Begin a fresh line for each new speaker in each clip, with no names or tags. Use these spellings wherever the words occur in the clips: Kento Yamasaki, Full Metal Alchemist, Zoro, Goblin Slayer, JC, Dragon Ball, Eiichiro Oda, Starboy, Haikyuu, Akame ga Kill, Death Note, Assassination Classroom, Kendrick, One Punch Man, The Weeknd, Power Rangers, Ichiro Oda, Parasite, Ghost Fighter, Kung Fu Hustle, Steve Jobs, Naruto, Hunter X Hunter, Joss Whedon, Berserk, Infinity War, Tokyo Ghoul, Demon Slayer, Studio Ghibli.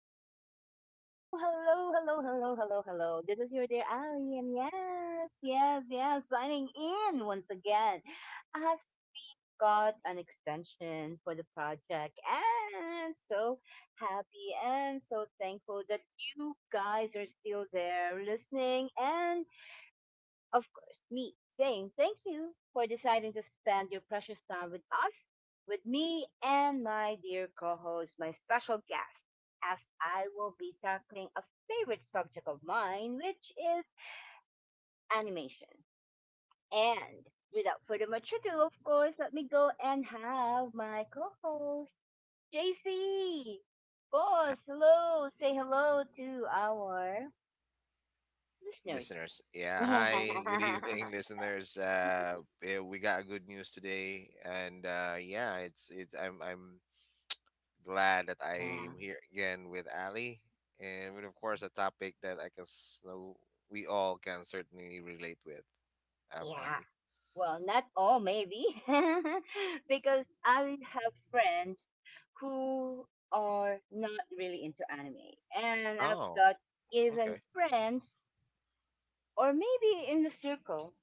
Hello, hello, hello, hello, hello. This is your dear Ali, and yes, yes, yes, signing in once again. I got an extension for the project, and so happy and so thankful that you guys are still there listening. And of course, me saying thank you for deciding to spend your precious time with us, with me and my dear co host, my special guest, as I will be tackling a favorite subject of mine, which is animation. And without further much ado, of course, let me go and have my co host, JC. Boss, hello. Say hello to our listeners.
Listeners, yeah, hi, good evening, listeners. Yeah, we got good news today, and yeah, it's I'm glad that
Yeah.
I'm here again with Ali, and with of course a topic that I know we all can certainly relate with.
Yeah.
Ali.
Well, not all, maybe, because I have friends who are not really into anime, and I've
Oh,
got even
okay.
friends, or maybe in the circle,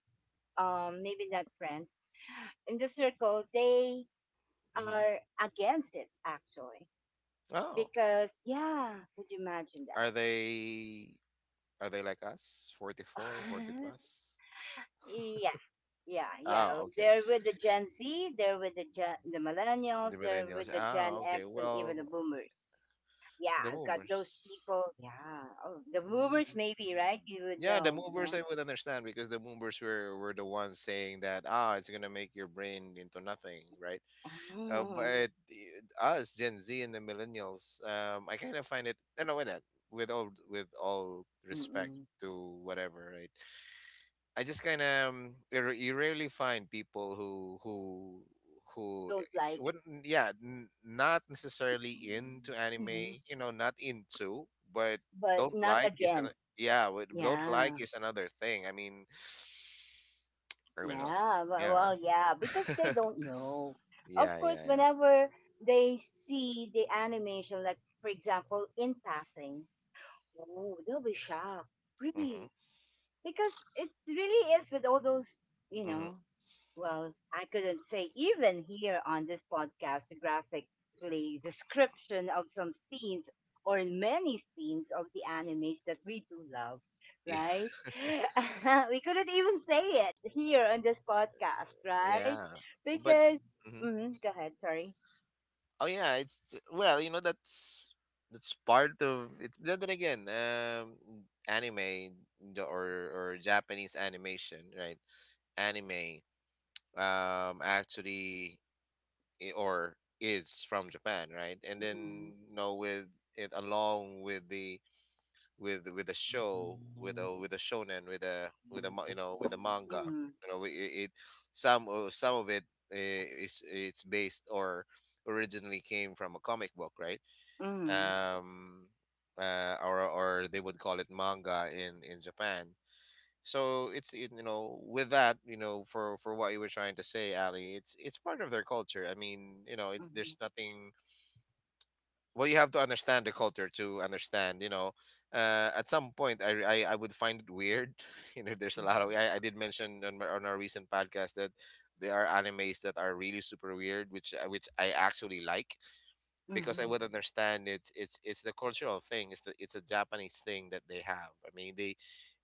maybe not friends in the circle, they
Mm-hmm.
are against it actually,
Oh,
because yeah, would you imagine
are
that?
they are they like us, 44, 40 plus?
Yeah, yeah, yeah.
Oh, okay.
They're with the Gen Z, they're with the Gen, the millennials,
The
they're
millennials.
with the Gen
Oh, okay.
X, and even the
Well,
boomers. Yeah,
the
I've got those
boomers.
people. Yeah. Oh, the boomers
Mm.
maybe, right? You would
Yeah, the
know.
movers I would understand because the movers were the ones saying that ah, it's gonna make your brain into nothing, right? Uh,
Yeah.
but the- us Gen Z and the millennials, I kind of find it. I know that with all respect
Mm-mm.
to whatever, right? I just kind of you rarely find people who
Don't like.
wouldn't, yeah, not necessarily into
Mhm.
anime, you know, not into, but
But
don't
not
like
against.
yeah, but don't like
Yeah.
is another thing. I mean, I don't know.
Yeah. Well,
Yeah,
well, yeah, because they don't know. Of
yeah,
course,
yeah, yeah.
whenever they see the animation, like for example, in passing, oh, they'll be shocked.
Mm-hmm,
Really? Because it really is with all those, you
mm-hmm.
know, well, I couldn't say even here on this podcast, the graphically description of some scenes or in many scenes of the animes that we do love,
Yeah.
right? We couldn't even say it here on this podcast, right?
Yeah, but
Because,
mm-hmm.
mhm, go ahead, sorry.
Oh yeah, it's well, you know, that's part of it. But then again, anime the- or Japanese animation, right? Anime, actually I- or is from Japan, right? And
Mm,
then you know with it, along with the with a
mm,
show
mm,
with a shonen with a ma- you know, with a manga,
mm,
you know it, it some of it, eh, is it's based or originally came from a comic book, right?
mm,
Um, or they would call it manga in Japan. So it's you know, with that, you know, for what you were trying to say, Ali, it's part of their culture. I mean, you know, it's there's nothing. Well, you have to understand the culture to understand. You know, at some point, I would find it weird. You know, there's a lot of, I did mention on my, on our recent podcast that there are animes that are really super weird, which I actually like because I
mm,
would understand it's it's the cultural thing. It's the it's a Japanese thing that they have. I mean, they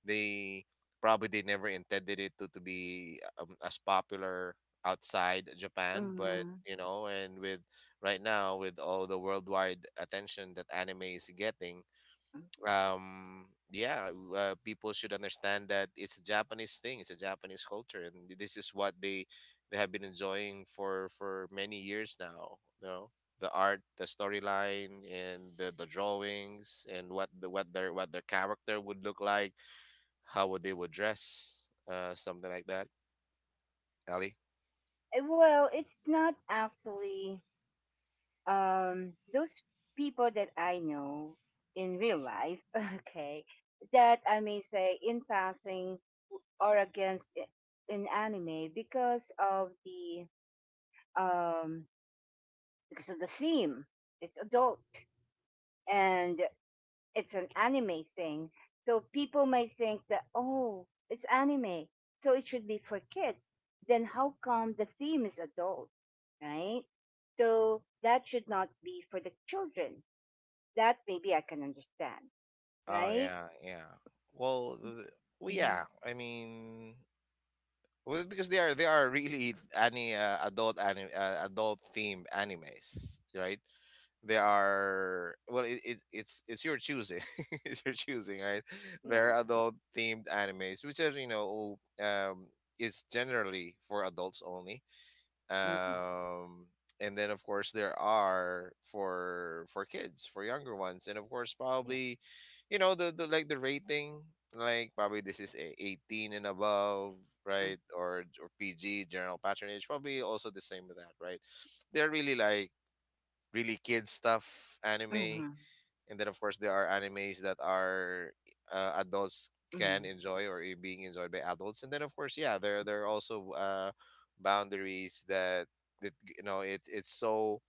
they probably they never intended it to be, as popular outside Japan, but
mm,
you know, and with right now, with all the worldwide attention that anime is getting,
mm.
um yeah people should understand that it's a Japanese thing, it's a Japanese culture, and this is what they have been enjoying for many years now, you know, the art, the storyline, and the drawings, and what the what their character would look like, how would they would dress, uh, something like that, Ali.
Well, it's not actually those people that I know in real life, okay, that I may say in passing or against in anime um because of the theme. It's adult and it's an anime thing. So people may think that, oh, it's anime, so it should be for kids. Then how come the theme is adult, right? So that should not be for the children. That maybe I can understand,
Oh,
right?
yeah, yeah. well, th- well,
Mm-hmm.
yeah, I mean, well, because they are really any, adult anime, adult themed animes, right? They are, well, it, it's it's your choosing, it's your choosing, right? They're
Yes.
adult themed animes, which are, you know, um, is generally for adults only.
Mm-mm.
Um, and then of course there are for kids, for younger ones, and of course
Yes.
probably you know the, like the rating, like probably this is a 18 and above, right? Or PG, general patronage, probably also the same with that, right? They're really like really kid stuff anime,
Mm-hmm.
and then of course there are animes that are, adults can
Mm-hmm.
enjoy or being enjoyed by adults, and then of course, yeah, there are also, boundaries that that you know it it's so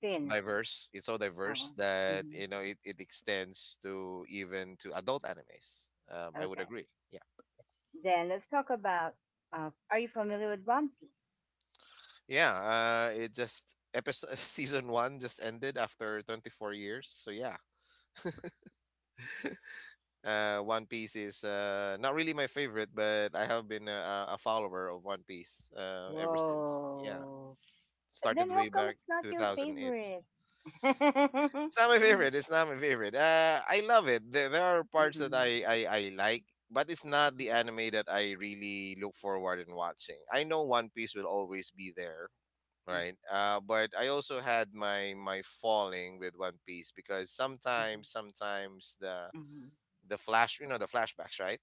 Thin.
diverse, it's so diverse,
Alan.
that
Mm-hmm.
you know it, it extends to even to adult animes. Um, I would
Okay.
agree. Yeah,
Then let's talk about. Are you familiar with One Piece?
yeah, it just episode season one just ended after 24 years, so yeah. One Piece is, not really my favorite, but I have been a follower of One Piece, ever since. Yeah,
Whoa. Then
started
how
way
come
back
it's not your
2008.
favorite? Mhm,
It's not my favorite. It's not my favorite. I love it. There are parts that I like, but it's not
mhm,
the anime that I really look forward in watching. I know One Piece will always be there,
mhm,
right? But I also had my falling with One Piece because
mhm,
sometimes, sometimes the flash, you know, the flashbacks, right?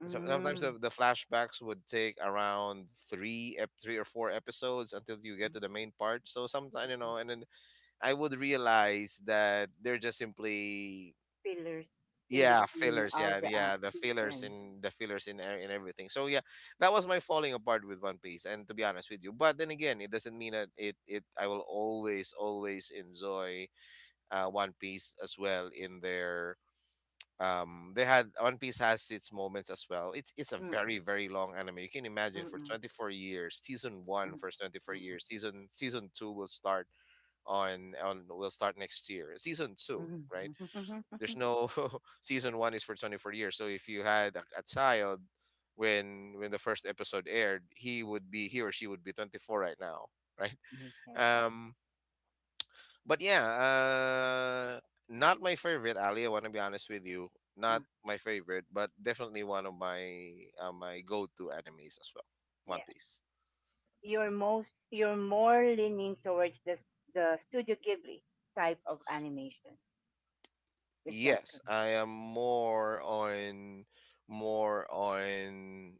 mhm,
So, sometimes
mhm.
the flashbacks would take around three or four episodes until you get to the main part. So sometimes you know, and then I would realize that they're just simply,
Pillars in
yeah,
between
fillers.
all
Yeah,
the
yeah,
season.
the fillers in in everything. So yeah, that was my falling apart with One Piece. And to be honest with you, but then again, it doesn't mean that it I will always always enjoy, One Piece as well in their, um, they had, one piece has its moments as well. It's a
Mm,
very very long anime. You can imagine
mm,
for
mm,
24 years season one,
mm,
for 24 years, season season two will start on will start next year, season two,
mm,
right? There's
mm.
no season one is for 24 years, so if you had a child when the first episode aired, he would be, he or she would be 24 right now, right?
Okay.
Um, but yeah, not my favorite, Ali. I want to be honest with you. Not
Mm.
my favorite, but definitely one of my, my go-to animes as well. One
Yes.
Piece.
You're more leaning towards the the Studio Ghibli type of animation. Is that
Yes,
correct?
I am more on more on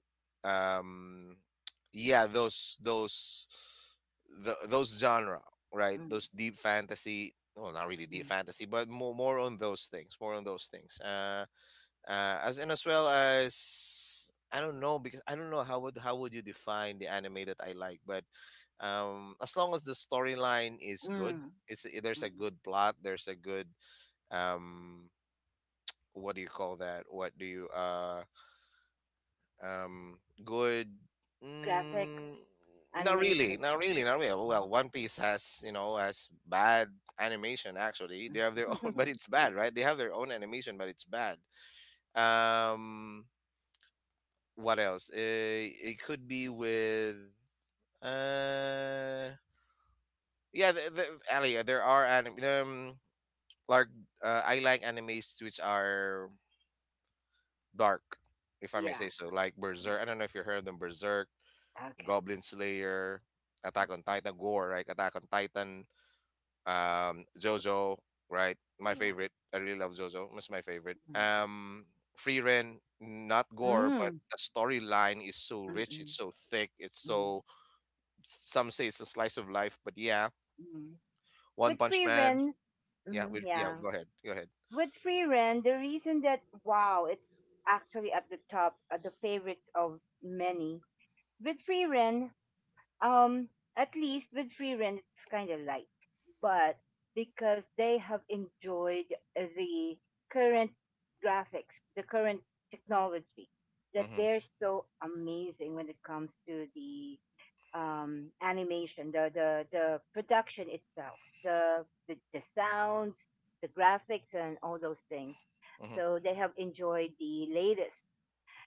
um, yeah, those those genre, right?
Mm,
Those deep fantasy, well, not really deep
mm,
fantasy, but more on those things, more on those things. Uh, as, and as well as I don't know because I don't know how would you define the anime that I like, but as long as the storyline is good,
mm,
there's a
mm.
good plot, there's a good, um, what do you call that? What do you Good?
Graphics,
Mm, not really,
animation.
not really, not really. Well,
Mm,
One Piece has, you know, has bad animation actually.
mm.
They have their own, but it's bad, right? They have their own animation, but it's bad. Um, what else? It could be with uh yeah, Ali, there are anime, um, like, I like animes which are dark, if I may say
Yeah.
so, like
Yeah.
Berserk. I don't know if you heard of them, Berserk,
Okay.
Goblin Slayer,
Uh,
Attack on Titan, Gore, right? Attack on Titan, JoJo, right? My
Yeah.
favorite. I really love JoJo. It's my favorite.
Mm.
Free Ren, not gore, but
Mm.
the storyline is so rich,
Mm-mm.
it's so thick, it's
Mm. Mm.
so, some say it's a slice of life, but yeah,
Mm.
One
With
Punch
free
Man.
rent,
Yeah,
mm,
we, yeah.
yeah.
Go ahead, go ahead.
With free rent, the reason that wow, it's actually at the top, at the favorites of many. With free rent, um, at least with free rent, it's kind of light, but because they have enjoyed the current graphics, the current technology, that
Mm-hmm,
they're so amazing when it comes to the animation, the production itself, the sounds, the graphics, and all those things.
mm-hmm,
So they have enjoyed the latest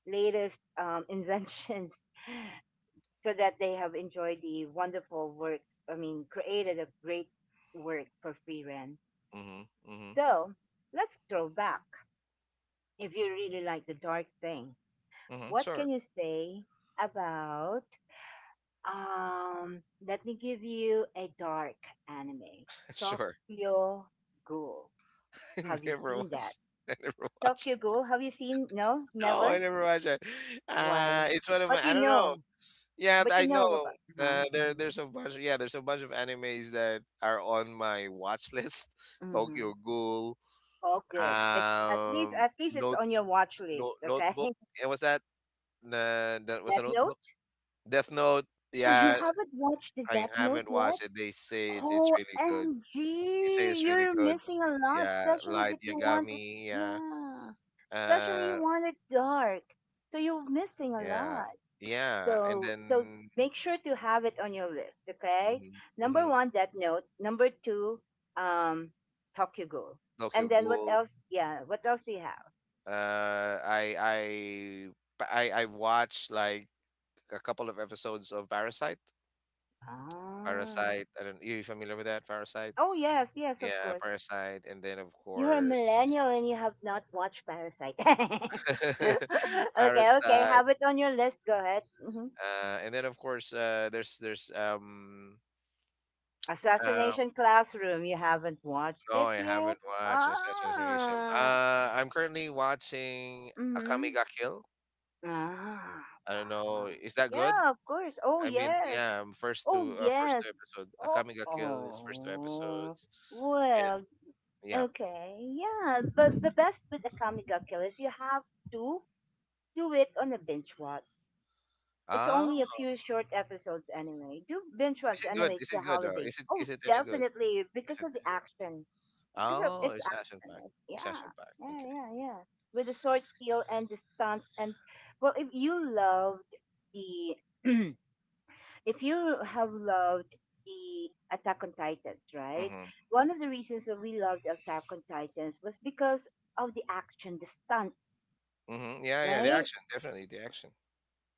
latest inventions, so that they have enjoyed the wonderful work. I mean, created a great work for free rent.
mm-hmm, mm-hmm,
So let's throw back. If you really like the dark thing,
mm-hmm.
what can
Sure,
you say about let me give you a dark anime.
sure.
Tokyo Ghoul.
I
Have you
never
seen that?
watched. I never
Tokyo
watched.
Ghoul. Have you seen? No,
No, I
never.
never watched it.
Why?
It's one of my.
But
I
you
don't know.
know.
Yeah,
But you
I
know
know.
about. Uh-huh.
There,
Hmm.
there's a bunch. Yeah, there's a bunch of animes that are on my watch list. Tokyo
Hmm.
Ghoul.
Oh, good. It's at least
Um,
at least it's
note,
on your watch list. Okay.
notebook. And was that? That was a
Death
notebook.
Note.
Death Note.
Oh, you
Yeah,
haven't watched the
I
Death Note
haven't
yet?
watched it. They say it's really good. They say
OMG!
it's really
You're
good.
missing a lot,
Yeah,
especially
Light
that you want it.
Yagami. Yeah,
Yeah. Especially you
uh,
want it dark. So you're missing a
yeah,
lot.
yeah. And
So
then
make sure to have it on your list, okay?
mm-hmm,
Number
mm-hmm,
one, that note. Number two, um, Tokyo. And
Tokyo
then what
Ghoul.
else? Yeah, what else do you have?
I But I watched like a couple of episodes of Parasite.
Ah.
Parasite. I don't. You familiar with that? Parasite.
Oh yes, yes, of
Yeah,
course.
Parasite. And then of
You're a
course.
millennial and you have not watched Parasite. Okay, okay,
Parasite,
have it on your list. Go ahead. Hmm.
and then of course, there's um, uh,
Assassination Classroom. You haven't watched
no,
it
I
yet?
haven't watched Assassin's Creed.
Ah.
I'm currently watching Akame
Mhm.
ga Kill.
Ah,
I don't know.
wow.
Is that good?
Yeah, of course. Oh,
I mean,
yes.
yeah, I'm
Oh,
first two
yes.
episode.
Oh,
Akame ga Kill is first two
oh,
episodes. It,
well,
yeah.
okay. Yeah, but the best with Akame ga Kill is you have to do it on a binge watch. It's
Oh,
only a few short episodes anyway. Do binge
is
watch
it good?
anyway. It's
Is
the
it good though?
holidays.
Is it
Oh,
is it any good?
definitely
Is
because
it
of the
is it good?
action. Because of
Oh,
its
it's action
action.
packed.
Like,
It's action
yeah,
packed.
yeah,
Okay.
yeah, yeah. With the sword skill and the stunts and well, if you loved the if you have loved the Attack on Titans, right?
Mhm.
One of the reasons that we loved Attack on Titans was because of the action, the stunts,
Mhm. Yeah, yeah. The
right?
action, definitely the action.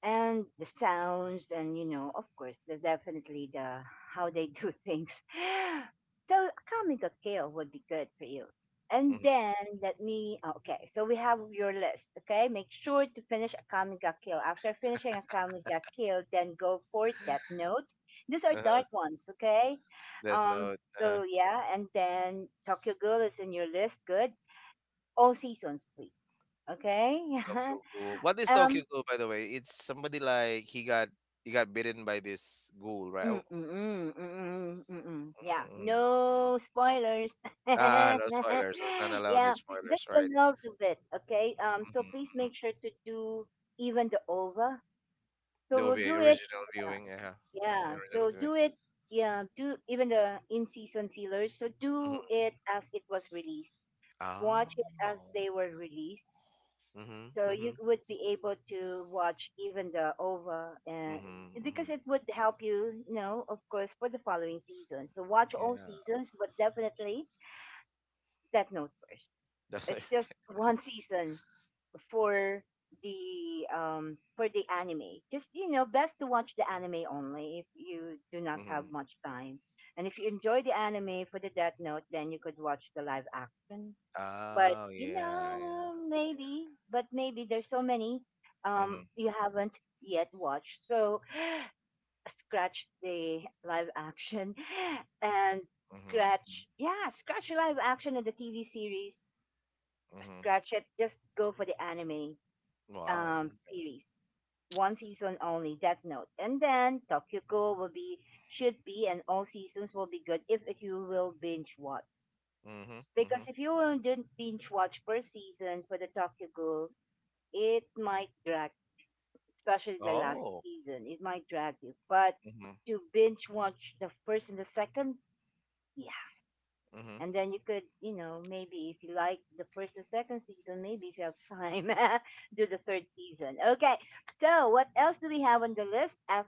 And the sounds, and you know, of course, the definitely the how they do things so a comic of kale would be good for you. And
Mhm.
then let me oh, okay, so we have your list. Okay, make sure to finish a comic of kale. After finishing a comic of kale, then go for that note. These are dark ones, okay.
Death
um
Note.
so yeah, and then Tokyo girl is in your list, good. All seasons please. Okay.
Tokyo Ghoul. What is Tokyo
um
Ghoul, by the way? It's somebody like he got bitten by this ghoul, right?
Mm,
Oh,
mm, mm, mm, mm, mm, mm. Yeah.
mm-hmm, mm-hmm.
No spoilers.
Ah, no spoilers. I'm not allowed
Yeah,
with
that's
spoilers,
the
right?
love of it. Okay. So
Hmm.
please make
Hmm.
sure to do even the over. So
The
we'll
OVA
do it.
original
Yeah.
viewing, yeah,
Yeah.
original
So
viewing.
do it. Yeah. Do even the in season fillers. So do
Hmm.
it as it was released. Watch it as
Oh.
they were released,
Mm-hmm.
so
Mm-hmm.
you would be able to watch even the OVA. And
Mm-hmm.
because
Mm-hmm.
it would help you, you know, of course, for the following season. So watch all
Yeah.
seasons, but definitely Death Note first. It's just one season for for the anime. Just you know, best to watch the anime only if you do not have
Mm-hmm.
much time. And if you enjoy the anime for the Death Note, then you could watch the live action, but
Oh
you
yeah, yeah.
know
Yeah.
maybe, but maybe there's so many
Mm-hmm.
you haven't yet watched, so scratch the live action and
Mm-hmm.
scratch, yeah, scratch live action of the TV series.
Mm-hmm.
Scratch it, just go for the anime
Wow.
series, one season only Death Note. And then Tokyo will be, should be, and all seasons will be good if you will binge watch.
Mm-hmm. Mm-hmm.
Because if you will don't binge watch per season for the Tokyo, it might drag, especially the last
Oh.
season, it might drag you. But
Mm-hmm.
to binge watch the first and the second, yeah.
Mm-hmm.
And then you could, you know, maybe if you like the first and second season, maybe if you have time, do the third season. Okay. So what else do we have on the list?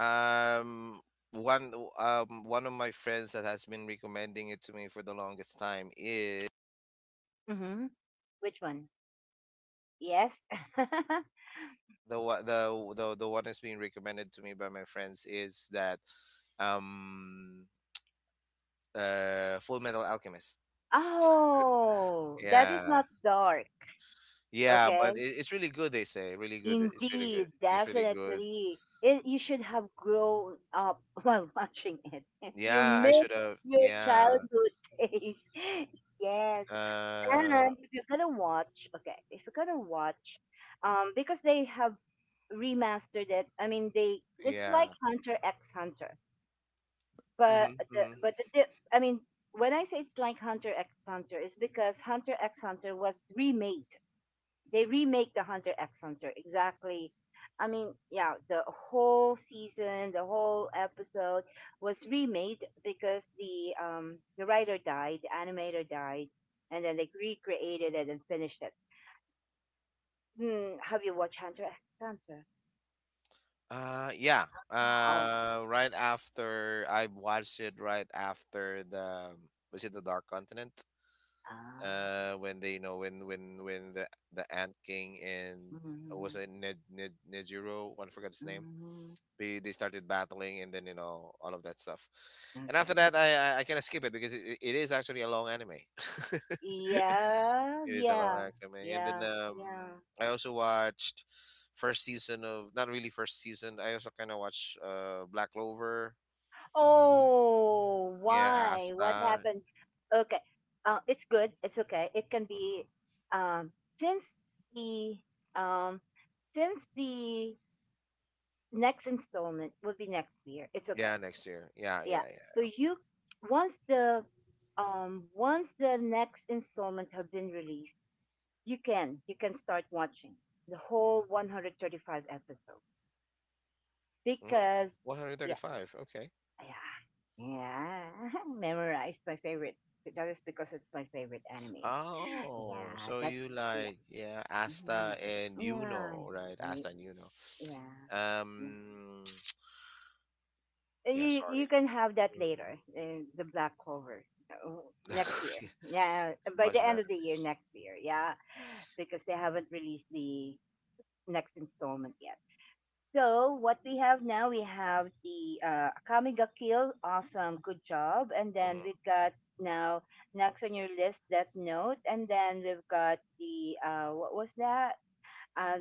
Um, one one of my friends that has been recommending it to me for the longest time is,
Mhm. Which one? Yes.
the the one that's being recommended to me by my friends is that um Full Metal Alchemist.
Oh, that is
Yeah.
not dark.
Yeah, but it,
Okay.
it's really good they say. Really good. It's really good.
Indeed,
It's really good.
definitely. It, you should have grown up while watching it. You
Yeah, I
miss
should have.
your
Yeah.
childhood days. Yes.
Uh,
And if you're gonna watch, okay, if you're gonna watch, because they have remastered it. I mean, they it's like
yeah.
Hunter X Hunter,
Mhm, mhm.
but the dip, I mean, when I say it's like Hunter X Hunter, it's because Hunter X Hunter was remade. They remake the Hunter X Hunter exactly. I mean, yeah, the whole season, the whole episode was remade because the writer died, the animator died, and then they recreated it and finished it. Hmm, have you watched Hunter X Hunter?
Yeah.
Ah, oh,
Right after I watched it, right after the was it the Dark Continent?
ah,
When they when the Ant King and was
mm,
it Ned Nejiro? I forgot his name.
mm,
They started battling, and then all of that stuff. And
okay.
after that I kind of skip it because it is actually a long anime. It
Yeah,
is a long
yeah,
anime. And then
yeah, yeah.
I also watched first season of, not really first season I also kind of watched Black Clover.
Oh,
Yeah,
why? What
Asta.
happened? Okay. It's good. It's okay. It can be
Hmm.
um, since the um, since the next installment will be next year. It's okay.
Yeah, next year, yeah,
Yeah.
yeah,
So
yeah.
you once the once the next installment have been released, you can start watching the whole 135 episode
Mm,
because yeah.
135, okay.
Yeah. Yeah. Memorized my favorite. That is because it's my favorite anime.
Oh,
Yeah.
so
That's
you
yeah.
like, yeah,
Mhm.
Asta and
Yeah.
Yuno, right? Asta
Ye-.
and Yuno.
Yeah. Yeah.
Um, yeah,
You
sorry.
can have that
Mhm.
later. The black cover next year.
Yeah,
Yeah,
it's a
by
bunch
the
of
end of the year
animes.
next year. Yeah, because they haven't released the next installment yet. So what we have now, we have the Akamiga Kill. Awesome, good job. And then we've
Hmm.
got now next on your list that note, and then we've got the what was that? Uh,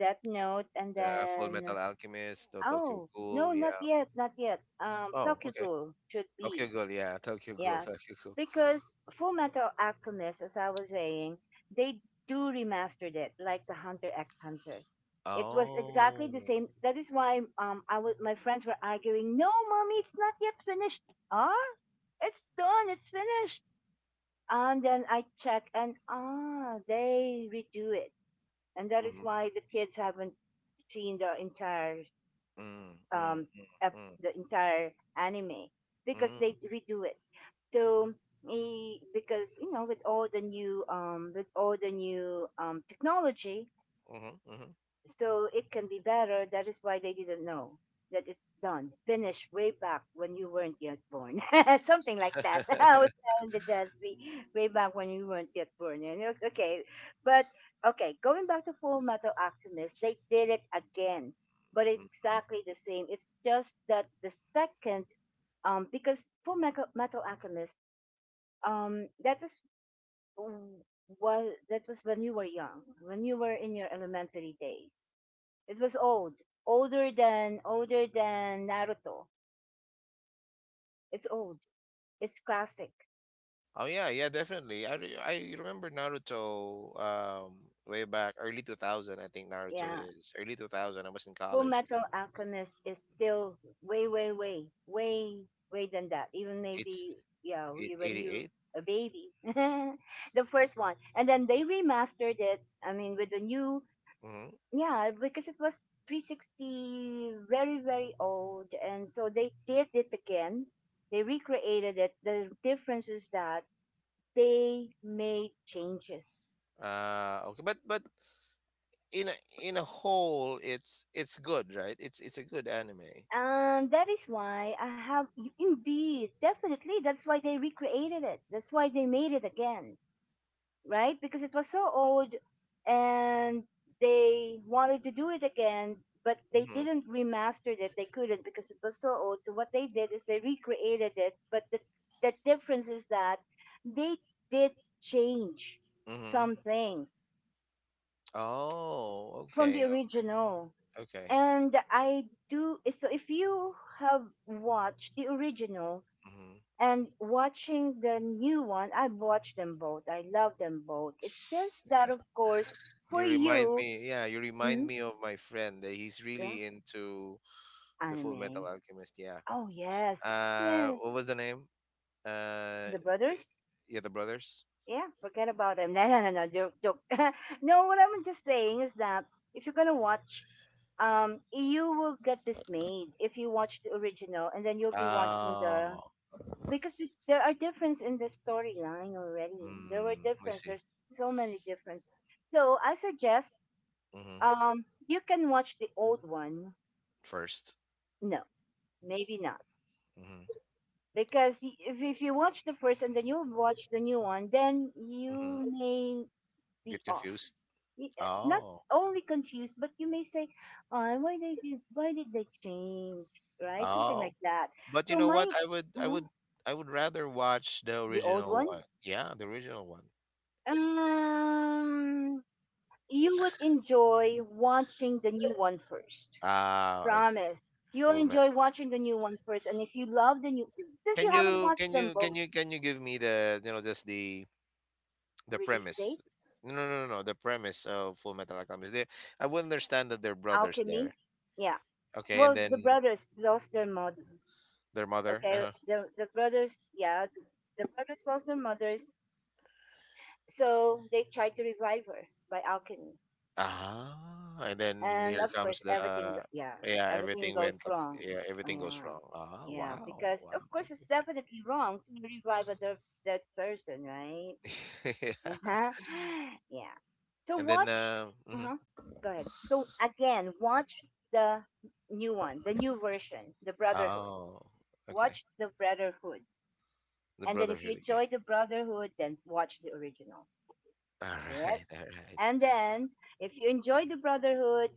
that note, and
The Full Metal
then
Alchemist, the Tokyo
oh no,
Ghoul,
not
yeah.
yet, not yet.
Oh,
Tokyo
okay.
Ghoul should
Tokyo
be,
Ghoul, yeah. Tokyo Ghoul,
yeah,
Tokyo Ghoul.
because Full Metal Alchemist, as I was saying, they do remastered it like the Hunter X Hunter. It was exactly the
Oh.
same. That is why I was my friends were arguing, "No, mommy, it's not yet finished. Ah, it's done. It's finished." And then I check, and they redo it, and that is
Mm-hmm.
why the kids haven't seen the entire
Mm, mm,
um,
mm, mm,
the entire anime because they
mm,
redo it. So because you know with all the new with all the new technology
mm-hmm, mm-hmm.
so it can be better. That is why they didn't know that it's done, finished way back when you weren't yet born, something like that. I was telling the Gen Z way back when you weren't yet born. But okay, going back to Full Metal Alchemist, they did it again, but
Mhm.
exactly the same. It's just that the second, because Metal Alchemist, that is. w- Was that was when you were young, when you were in your elementary days it was old, older than Naruto. It's old. It's classic.
Oh yeah, yeah, definitely. I remember Naruto way back early 2000. I think Naruto
Yeah,
is early 2000. I was in
Full
college
Metal
then.
Alchemist is still way, way than that. Even
It's
maybe yeah, when you
88.
a baby, the first one, and then they remastered it. I mean, with the new
Mm-hmm.
yeah, because it was 360, very old, and so they did it again. They recreated it. The difference is that they make changes.
Ah, okay. But in a, in a whole, it's good, right? It's a good anime.
And that is why I have, indeed, definitely, that's why they recreated it. That's why they made it again, right? Because it was so old and they wanted to do it again, but they
Mm-hmm.
didn't remaster it. They couldn't because it was so old. So what they did is they recreated it. The difference is that they did change
Mm-hmm.
some things
Oh,
from the
okay.
original
Okay.
and I do so if you have watched the original
Mm-hmm.
and watching the new one, I've watched them both. I love them both. It's just that of course for
You remind
you
me, yeah, you remind
mm,
me of my friend that he's
yeah,
really into the Full Metal
anime.
Alchemist. Yeah.
Oh yes, yes.
What was the name? Uh,
The
the,
brothers,
yeah, the brothers.
yeah, forget about them. No, joke joke. No, what I'm just saying is that if you're gonna watch you will get dismayed if you watch the original and then you'll be watching the
Oh,
because there are difference in the storyline already. There were
I
difference.
see.
There's so many difference. So I suggest
Mm-hmm.
you can watch the old one.
First.
No, maybe not
Mm-hmm.
because if you watch the first and then you watch the new one, then you
Mm-hmm.
may be
Get
off.
confused.
Not
Oh.
only confused, but you may say, "Oh, why they did? Why did they change? Right? Something
Oh,
like that."
but you
So
know
my
what? I would I
mhm,
would I would rather watch the
the old
original
one.
one. Yeah, the original one.
Um, you would enjoy watching the new one first.
Ah, I see.
Promise. You'll
Full
enjoy
Metal
watching the new
Alchemist.
one first. And if you love the new, since you
Can
haven't
you
watched
can
them
you can
both,
you can you give me the just the
release
premise?
date,
No, no, no, no, no, the premise of Full Metal Alchemist. I would understand that they're brothers there.
Alchemy, yeah.
Okay, and
Well, the
then
brothers lost their mother.
their mother.
Okay, the brothers, the brothers lost their mothers, so they tried to revive her by alchemy.
Ah, and then
And
here
of
comes
course
the
everything yeah,
yeah,
everything
everything
goes
went up.
wrong.
Yeah,
Oh,
everything goes
yeah,
wrong. Ah,
yeah,
wow,
because of
wow.
course it's
Okay.
definitely wrong to revive a dead person, right?
Okay.
Uh-huh. Yeah, so
And then,
watch
mhm.
uh-huh. Go ahead so again watch the new one, the new version, the brotherhood.
Oh, okay,
Watch the brotherhood
the
and then if you
Brotherhood again.
enjoy the brotherhood then watch the original,
All
yeah.
right, all right.
And then if you enjoy the brotherhood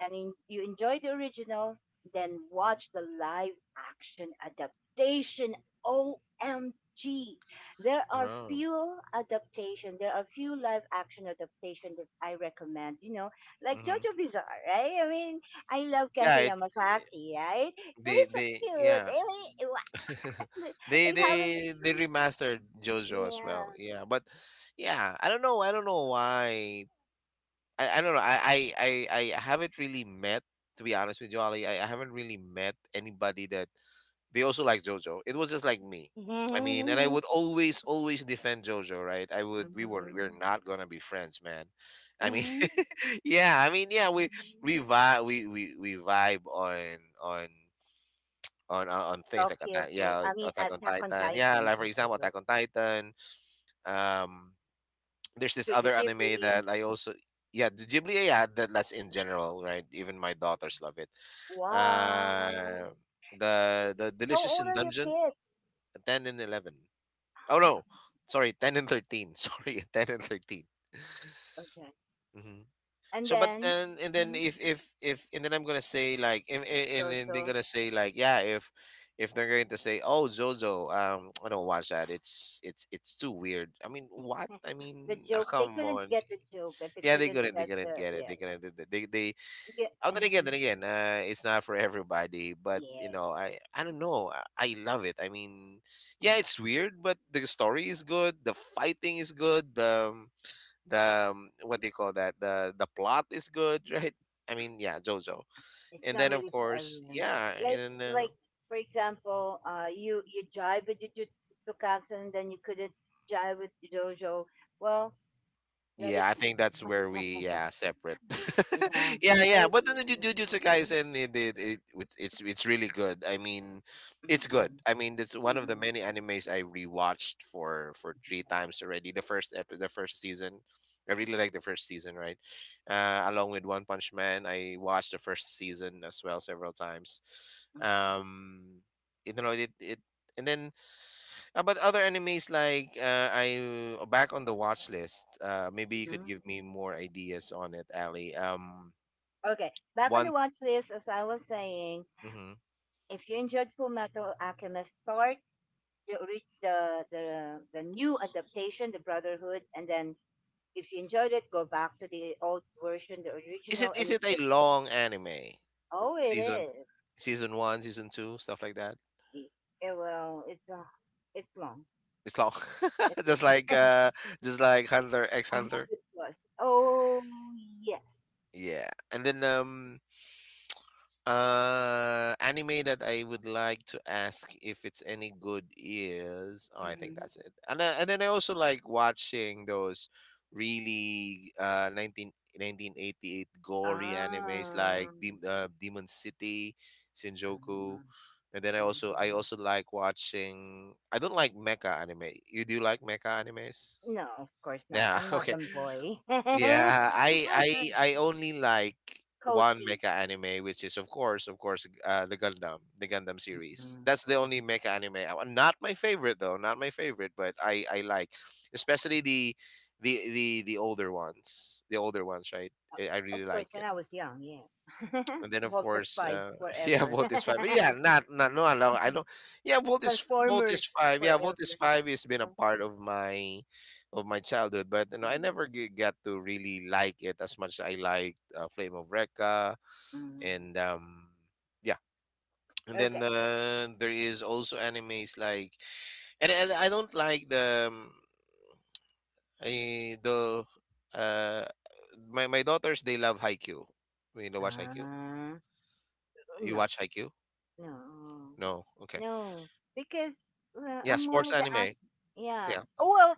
and in, you enjoy the original, then watch the live action adaptation. OMG.
Oh,
There are few live action adaptation that I recommend, you know, like
hmm,
Jojo Bizarre, right? I mean, I love Kento
yeah. It
Yamasaki, right?
they
They're so
they
cute.
yeah.
I mean, what?
they
Like having,
they they remastered JoJo as well. Yeah, but yeah, I don't know. I don't know why. I don't know. I haven't really met, to be honest with you, Ali. I haven't really met anybody that they also like JoJo. It was just like me. I mean, and I would always always defend JoJo, right? I would. We're not gonna be friends, man. I mean,
yeah.
yeah. I mean, yeah. We vibe, we vibe on. on things
So
like
cute.
attack, yeah,
I mean,
Attack on
Attack on
Titan, yeah,
Titan.
like for example, Attack on Titan. um, there's this
Studio
other anime
Ghibli.
that I also, yeah, the Ghibli, yeah, that's in general, right? Even my daughters love it.
Wow.
Uh the
Mhm. How
Delicious
old
in
are your
Dungeon.
kids?
10 and 11. Oh no. Sorry, 10 and 13. Sorry, 10 and 13.
Okay.
Hmm.
And
So, but
then
then, and then,
mhm,
if, and then I'm gonna say like, and then they're
Jojo,
gonna say like, yeah, if they're going to say, "Oh, JoJo, I don't watch that, it's it's too weird." I mean what I mean, come on.
the joke, that they
Yeah,
couldn't
they
get
couldn't
the
get it.
yeah,
They couldn't. They, they.
yeah,
Oh, then again, it's not for everybody. But
yes.
you
Yeah.
know, I don't know. I love it. I mean, yeah, it's weird, but the story is good. The fighting is good. What do you call that? The plot is good, right? I mean, yeah, JoJo.
It's
And
not
then of
really for
course,
everyone.
yeah,
Like
and then,
like for example, you jive with Jujutsu Kaisen, then you couldn't jive with Jojo. Well, let it
yeah, I
be.
think that's where we, yeah, separate.
Yeah,
Yeah,
let
yeah,
it
but then the Jujutsu
be.
Kaisen, it it's really good. I mean, it's good.
Mm-mm,
I mean, it's one of the
mm-mm.
many animes I rewatched for three times already. The first season, I really like the first season, right? Along with One Punch Man, I watched the first season as well several times. Um, you know it. And then, but other animes like, I back on the watch list. Maybe you could
Mhm.
give me more ideas on it, Ali.
Okay, back on the
One.
watch list, as I was saying,
Mhm.
if you enjoyed Fullmetal Alchemist, start the the new adaptation, the Brotherhood, and then if you enjoyed it, go back to the old version, the
Is
original.
it
And
is
if
it
you,
a long anime?
oh, it
Season
is.
season one, season two, stuff like that.
Yeah, well, it's long.
It's long,
It's
just like uh, just like Hunter X
a
Hunter.
hundred plus. Oh yes.
Yeah, and then, anime that I would like to ask if it's any good is, oh, I think
Mhm.
that's it. And then I also like watching those really 1988 gory animes like
Ah.
Demon City, Shinjuku. And then I
ah,
also I also
ah.
like watching, I don't like mecha anime. You do like mecha animes?
No, of course not.
Yeah,
I'm not
okay.
a boy.
Yeah, I only like
Code
one
Geass.
mecha anime, which is of course, the Gundam
Mm,
series. That's the
mm.
only mecha anime. Not my favorite though, not my favorite, but I like, especially the older ones, the older ones, right? I
Of
really
course,
like
when
it.
I was young, yeah.
And then of
Volta
course,
Spy
yeah,
forever.
Volt is five. Yeah, not, no, no, I don't. Yeah, Volt is
Transformers
five. Yeah, Volt is
forever.
five has been a part of my childhood, but you know, I
Mm,
never got to really like it as much as I liked, Flame of Recca,
mm.
and yeah, and then,
Okay.
there is also animes like, and I don't like the I, the uh, my daughters, they love Haikyuu. You know, watch Haikyuu.
Ah,
You
No,
watch Haikyuu?
no,
No. Okay.
no. Because
Yeah,
I'm more
sports
of the act.
anime.
Yeah.
Yeah.
Well,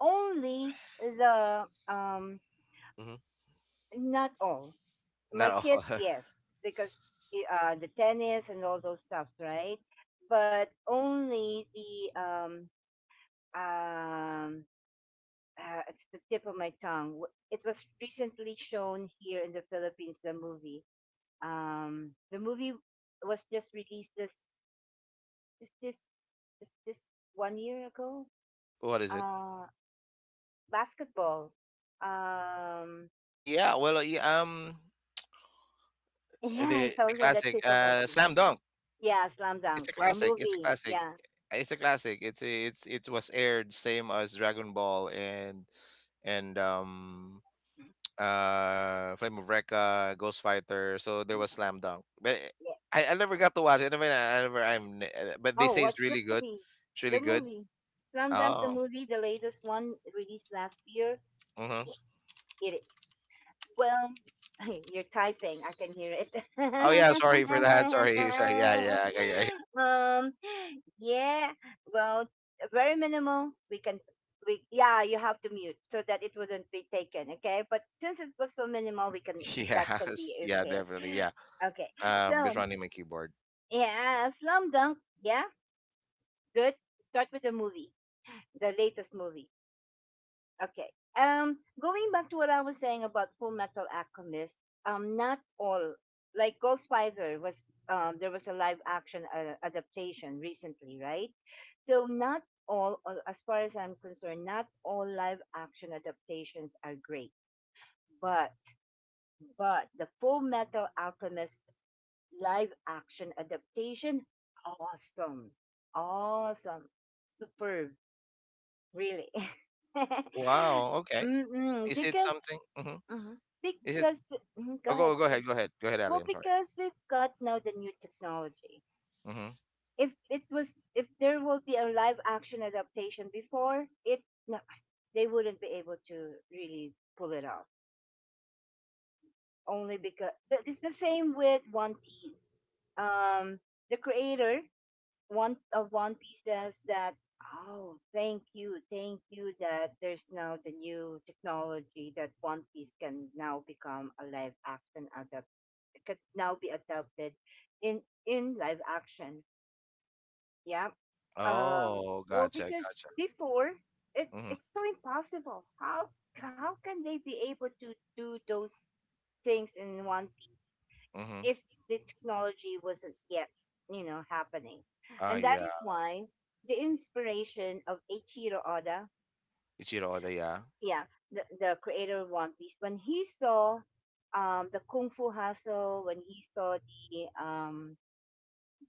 only the
Hmm.
not all. My
Not all.
kids, yes, because the tennis and all those stuffs, right? But only the um it's the tip of my tongue. It was recently shown here in the Philippines. The movie was just released just this this 1 year ago.
What is it?
Uh, basketball. Um,
Yeah. Well, yeah,
yeah,
the
it's also the
classic,
tip of my tongue.
Slam Dunk.
Yeah, Slam
It's
Dunk,
a
the
classic. It's a
movie.
classic.
Yeah.
It's a classic. It's a, it's it was aired same as Dragon Ball, and Flame of Recca, Ghost Fighter. So there was Slam Dunk, but,
Yeah.
I never got to watch it. I mean, I never. But they
Oh,
say it's
what's the
really good.
movie?
It's
The
really good.
movie. Slam Dunk the
Oh.
movie, the latest one released last year.
Mm-hmm.
Yes, it is. Well, you're typing. I can hear it.
Oh yeah, sorry for that. Sorry, sorry. Yeah, yeah. I
Um, yeah. Well, very minimal. We can. We yeah. You have to mute so that it wouldn't be taken. Okay. But since it was so minimal, we can. That can
Yes,
be
yeah,
okay.
definitely, yeah.
Okay.
Just
So
running my keyboard.
yeah, Slam Dunk. Yeah. Good. Start with the movie, the latest movie. Okay. Going back to what I was saying about Full Metal Alchemist, not all like Ghost Spider was there was a live action adaptation recently, right? So not all, as far as I'm concerned, not all live action adaptations are great, but the Full Metal Alchemist live action adaptation, awesome, awesome, superb. Really.
Wow, okay.
Mm-mm,
Is it
because
something? Hmm.
mhm,
Is it?
mhm, go
Oh,
ahead.
go
Sorry.
ahead, go ahead, go ahead, Ali.
Well,
I'm sorry.
because we've got now the new technology.
Hmm.
If it was If there will be a live action adaptation before it, no, they wouldn't be able to really pull it off. Only because but it's the same with One Piece. Um, the creator One of One Piece says that, oh, thank you that there's now the new technology that One Piece can now become a live action adapt could now be adopted in in live action. Yeah. Um
Oh,
well,
gotcha,
because
gotcha.
before
Mm-hmm,
it's so impossible. How can they be able to do those things in One Piece?
mm-hmm.
If the technology wasn't yet, you know, happening.
Ah,
And that
yeah,
is why the inspiration of Eiichiro Oda,
Ichiro Oda, yeah.
yeah, the creator of One Piece, when he saw the Kung Fu Hustle, when he saw the um,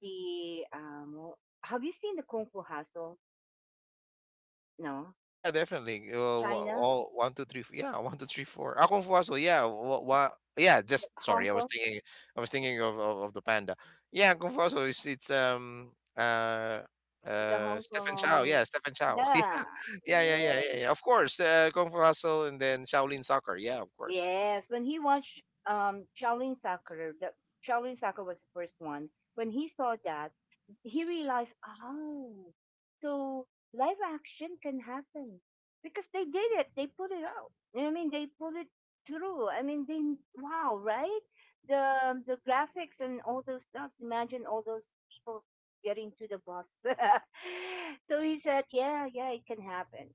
the have you seen the Kung Fu Hustle? No,
Yeah, definitely.
China,
All, one, two, three, yeah, one, two, three, four. Ah, Kung Fu Hustle, yeah, what, yeah. Just sorry,
Hong Kong,
I was thinking of the panda. Yeah, Kung Fu Hustle is it's uh
the Hong
Stephen Chow,
Kong,
yeah, Stephen Chow, yeah,
yeah,
yeah, yeah, yeah,
yeah.
yeah, yeah. Of course, Kung Fu Hustle, and then Shaolin Soccer, yeah, of course.
Yes, when he watched Shaolin Soccer, the Shaolin Soccer was the first one. When he saw that, he realized, oh, so live action can happen because they did it. They put it out. You know what I mean, they put it through. I mean, they wow, right? The graphics and all those stuffs. Imagine all those people getting to the bus. So he said, yeah, yeah, it can happen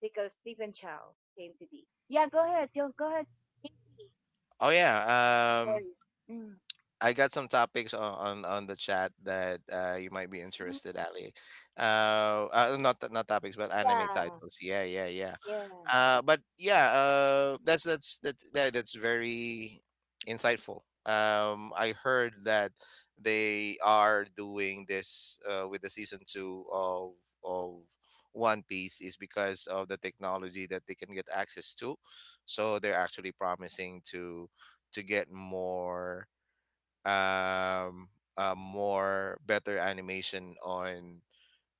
because Stephen Chow came to be. Yeah, go ahead, John. Go ahead.
Oh yeah,
Sorry. Mm.
I got some topics on, on the chat that you might be interested, Ali. Not topics, but anime
Yeah,
titles. Yeah, yeah, yeah.
yeah.
But yeah, that's that, that that's very insightful. I heard that they are doing this, with the season two of One Piece, is because of the technology that they can get access to. So they're actually promising to get um more better animation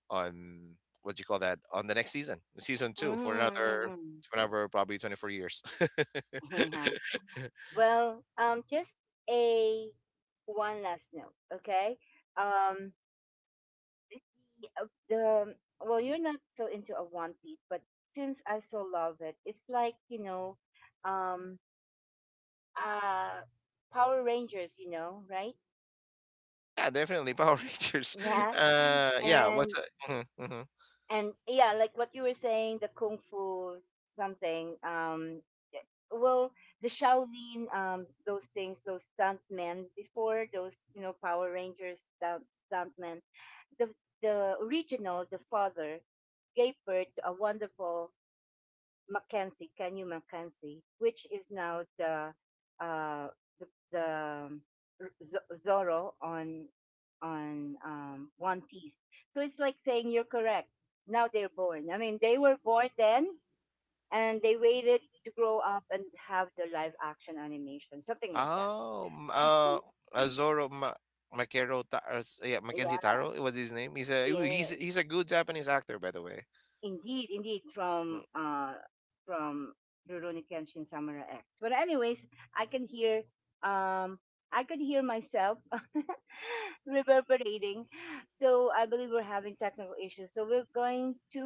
on, what do you call that, on the next season, season two, for another
Mm.
whatever, probably 24 years.
Yeah. Well, just a one last note, okay? Um, the well, you're not so into a One Piece, but since I so love it, it's like you know, um, uh, Power Rangers, you know, right?
Yeah, definitely Power Rangers.
Yeah,
Yeah. What's
and
a, mhm, mhm.
yeah, like what you were saying, the kung fu something. Eh, well, the Shaolin, those things, those stuntmen before those, you know, Power Rangers stuntmen. The the original, the father, gave birth to a wonderful Mackenzie, Kenyu Mackenzie, which is now the uh, the, the um, Zoro on One Piece. So it's like saying you're correct. Now they're born. I mean, they were born then, and they waited to grow up and have the live action animation, something like that.
Oh Azoro Ma- Makero Ta- s- yeah,
Yeah,
Mackenzie Taro was his name. He's a
yeah.
he's he's a good Japanese actor, by the way.
Indeed, indeed,
Mm.
from Rurouni Kenshin Samurai X. But anyways, I can hear um I can hear myself reverberating. So I believe we're having technical issues. So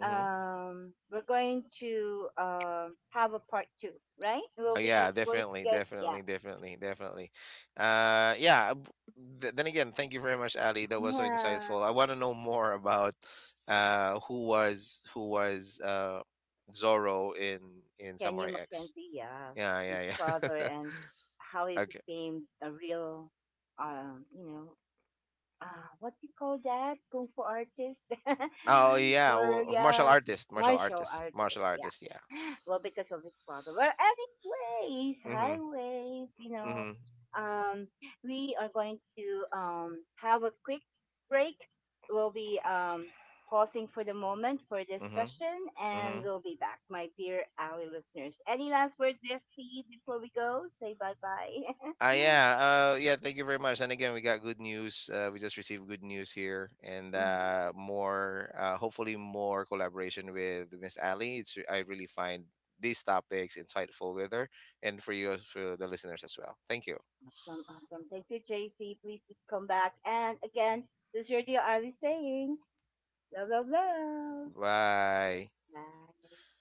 Mm-hmm.
we're going to have a part two, right? We'll
Oh,
be
yeah,
going to
definitely,
get yeah.
definitely, definitely, definitely. Yeah. Then again, thank you very much, Ali. That was so
Yeah.
insightful. I want to know more about who was Zorro in
Can you
Samurai X.
Mackenzie? Yeah.
Yeah,
His
yeah,
father
yeah.
and how he
Okay.
became a real you know, what do you call that? Kung Fu artist
Oh yeah,
or
well, martial
yeah,
artist, martial
martial
artist,
artist.
martial artist. Yeah.
Yeah. Well, because of his father. Well, anyways,
Mhm.
highways. You know,
Mhm.
um, we are going to have a quick break. We'll be pausing for the moment for this
Mhm.
session, and
Mhm.
we'll be back, my dear Ally listeners. Any last words, yes, Steve, before we go? Say bye bye.
Ah, yeah. Yeah. Thank you very much. And again, we got good news. We just received good news here, and,
Mm.
more. Hopefully, more collaboration with Miss Ali. I really find these topics insightful with her, and for you, for the listeners as well. Thank you.
Awesome, awesome. Thank you, JC. Please come back. And again, this is your dear Ivy saying, love, love, love.
Bye.
Bye.